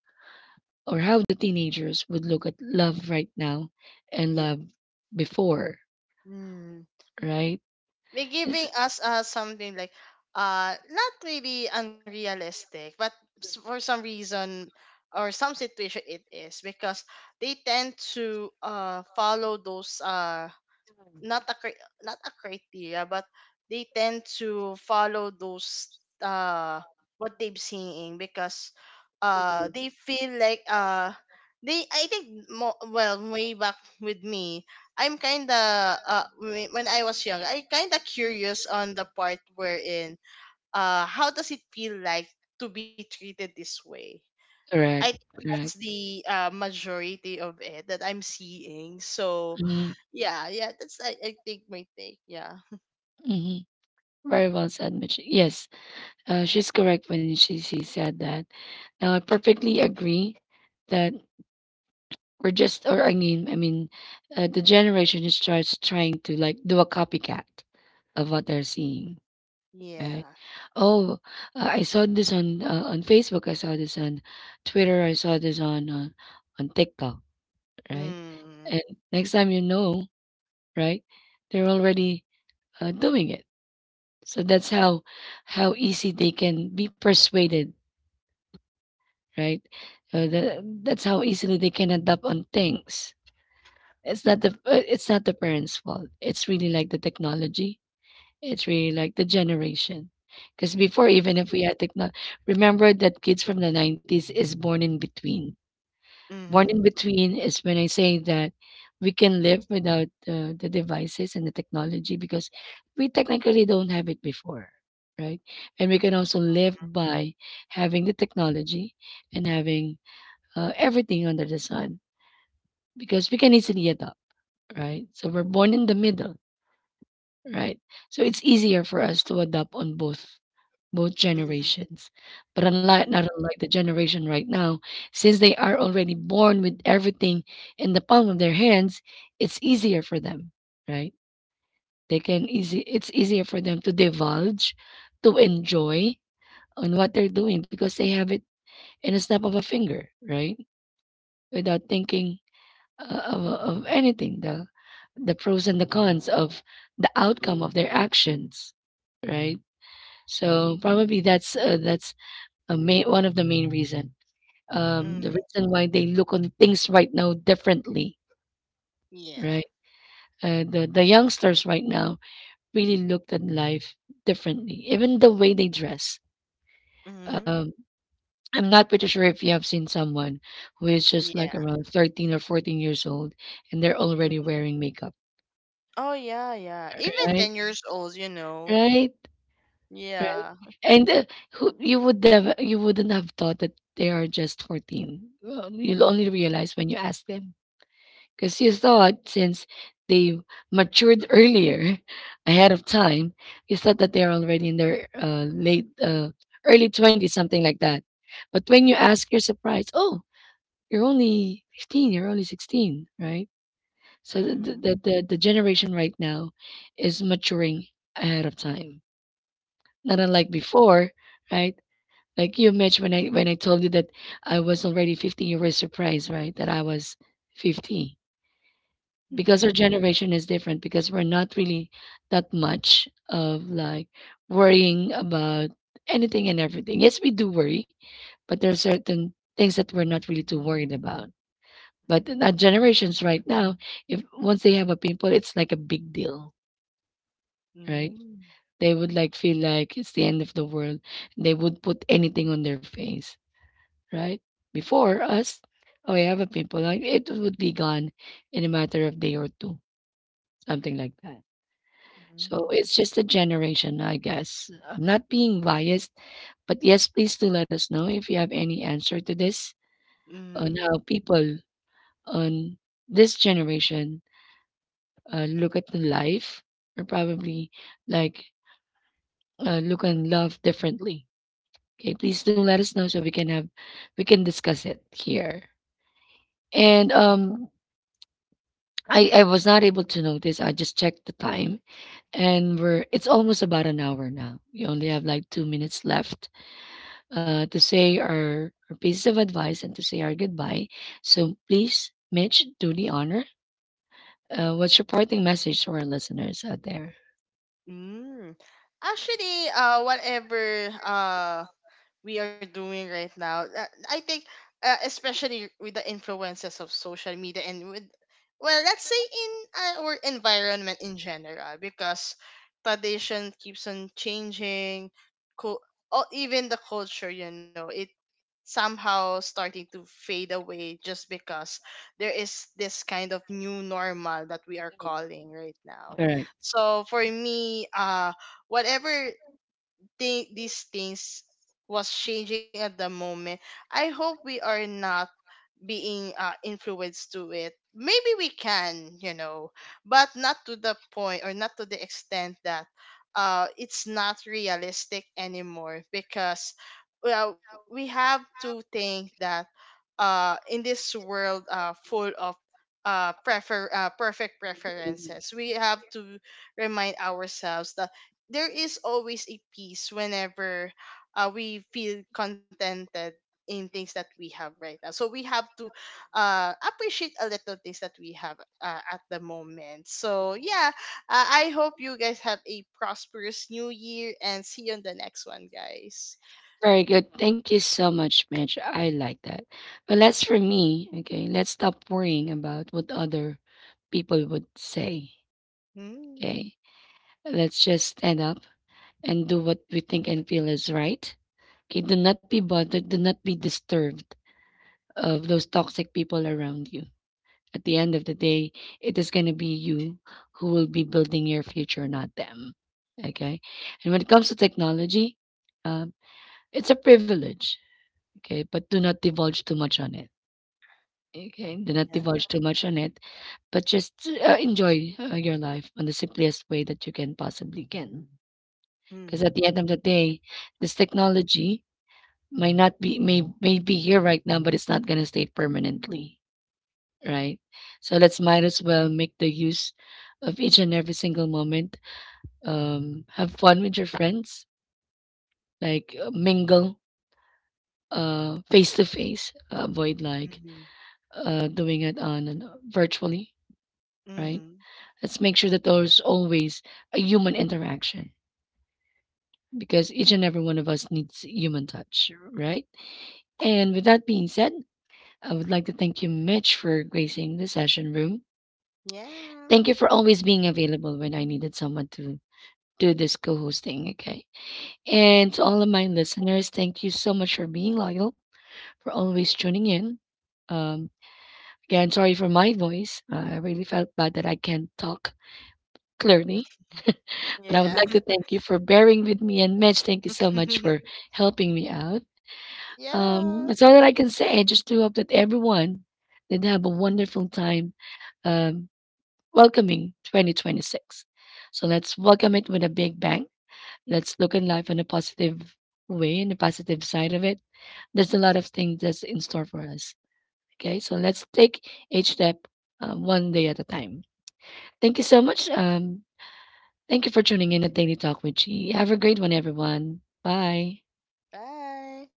A: or how the teenagers would look at love right now and
B: Yeah.
A: love before,
B: Mm.
A: right?
B: They're giving
A: It's
B: us something like, not really unrealistic, but for some reason or some situation it is, because they tend to follow those, not a cri- not a criteria, but they tend to follow those, what they've seeing. Because they feel like, they I think, well, way back with me, I'm kind of when I was young, I kind of curious on the part wherein how does it feel like to be treated this way. I think
A: correct,
B: that's
A: correct.
B: the majority of it that I'm seeing. So
A: Mm-hmm.
B: yeah, yeah, that's I think my take. Yeah.
A: Mm-hmm. Very well said, Mitch. Yes, she's correct when she said that. Now, I perfectly agree that we're just, or I mean, the generation is just trying to like do a copycat of what they're seeing, right?
B: Yeah.
A: Oh, I saw this on Facebook. I saw this on Twitter. I saw this on TikTok, right?
B: Mm.
A: And next time you know, right, they're already doing it. So that's how easy they can be persuaded, right? That's how easily they can adapt on things. It's not the parents' fault. It's really like the technology. It's really like the generation. Because before, even if
B: Mm-hmm.
A: we had technology, remember that kids from the 90s is born in between. Born
B: Mm-hmm.
A: in between is when I say that we can live without the devices and the technology because we technically don't have it before, right? And we can also live by having the technology and having everything under the sun because we can easily adapt, right? So we're born in the middle, right? So it's easier for us to adapt on both both generations. But unlike
B: Mm-hmm.
A: not unlike the generation right now, since they are already born with everything in the palm of their hands, it's easier for them, right? They can easy It's easier for them to divulge, to enjoy on what they're doing because they have it in a snap of a finger, right? Without thinking of anything, the pros and the cons of the outcome of their actions, right? So probably that's a main one of the main reason.
B: Mm-hmm.
A: The reason why they look on things right now differently,
B: Yeah.
A: right? The youngsters right now really looked at life differently, even the way they dress.
B: Mm-hmm.
A: Um, I'm not pretty sure if you have seen someone who is just
B: Yeah.
A: like around 13 or 14 years old and they're
B: Hmm.
A: already wearing makeup,
B: Oh, yeah, yeah. Even
A: right?
B: 10 years old.
A: Right?
B: Yeah.
A: And, who you would never you wouldn't have thought that they are just 14. Well, you'll only realize when you ask them, because you thought since they matured earlier, ahead of time, you thought that they're already in their early 20s, something like that. But when you ask, you're surprised. Oh, you're only 15. You're only 16, right? So
B: Mm-hmm.
A: the generation right now is maturing ahead of time not unlike before, right? Like you, Mitch, when I told you that I was already 15, you were surprised, right? That I was 50, because our
B: Mm-hmm.
A: generation is different. Because we're not really that much of like worrying about anything and everything. Yes, we do worry, but there are certain things that we're not really too worried about. But our generations right now, if once they have a pimple, it's like a big deal, right?
B: Mm.
A: They would like feel like it's the end of the world. They would put anything on their face, right? Before us, oh yeah, but people like it would be gone in a matter of day or two, something like that. So it's just a generation, I guess. I'm not being biased, but yes, please do let us know if you have any answer to this on
B: Mm-hmm.
A: how people on this generation look at the life, or probably like look and love differently. Okay, please do let us know so we can discuss it here. And I was not able to notice. I just checked the time and we're it's almost about an hour now. We only have like 2 minutes left to say our pieces of advice and to say our goodbye. So please, Mitch, do the honor. What's your parting message to our listeners out there?
B: Mm. Actually, whatever we are doing right now. I think, especially with the influences of social media, and with, well, let's say in our environment in general, because tradition keeps on changing, co- or even the culture, you know, it somehow starting to fade away, just because there is this kind of new normal that we are calling right now.
A: Correct.
B: So for me, whatever these things was changing at the moment, I hope we are not being influenced to it, maybe we can, you know, but not to the point or not to the extent that it's not realistic anymore, because, well, we have to think that in this world, full of, prefer perfect preferences, we have to remind ourselves that there is always a peace whenever we feel contented in things that we have right now. So we have to appreciate a little things that we have at the moment. So yeah, I hope you guys have a prosperous new year, and see you on the next one, guys.
A: Very good. Thank you so much, Mitch. I like that. But that's for me. Okay. Let's stop worrying about what other people would say.
B: Mm.
A: Okay. Let's just stand up and do what we think and feel is right. Okay. Do not be bothered. Do not be disturbed of those toxic people around you. At the end of the day, it is going to be you who will be building your future, not them. Okay. And when it comes to technology, um, it's a privilege. Okay, but do not divulge too much on it. Okay, do not
B: Yeah.
A: divulge too much on it, but just enjoy your life on the simplest way that you can possibly can. Because at
B: Mhm.
A: the end of the day, this technology might not be may be here right now, but it's not gonna stay permanently, right? So let's might as well make the use of each and every single moment. Have fun with your friends, like mingle, face to face. Avoid like
B: Mhm.
A: doing it on an virtually, right?
B: Mm-hmm.
A: Let's make sure that there's always a human interaction, because each and every one of us needs human touch, right? And with that being said, I would like to thank you, Mitch, for gracing the session room. Thank
B: Yeah.
A: you for always being available when I needed someone to do this co-hosting, okay? And to all of my listeners, thank you so much for being loyal, for always tuning in. Um, Again, sorry for my voice. I really felt bad that I can't talk clearly.
B: Mhm.
A: But I would
B: Yeah.
A: like to thank you for bearing with me. And Mitch, thank you so much for helping me out.
B: Yeah.
A: That's all that I can say. I just do hope that everyone did have a wonderful time um, welcoming 2026. So let's welcome it with a big bang. Let's look at life in a positive way and the positive side of it. There's a lot of things that's in store for us. Okay, so let's take each step one day at a time. Thank you so much. Thank you for tuning in at Daily Talk with G. Have a great one, everyone. Bye.
B: Bye.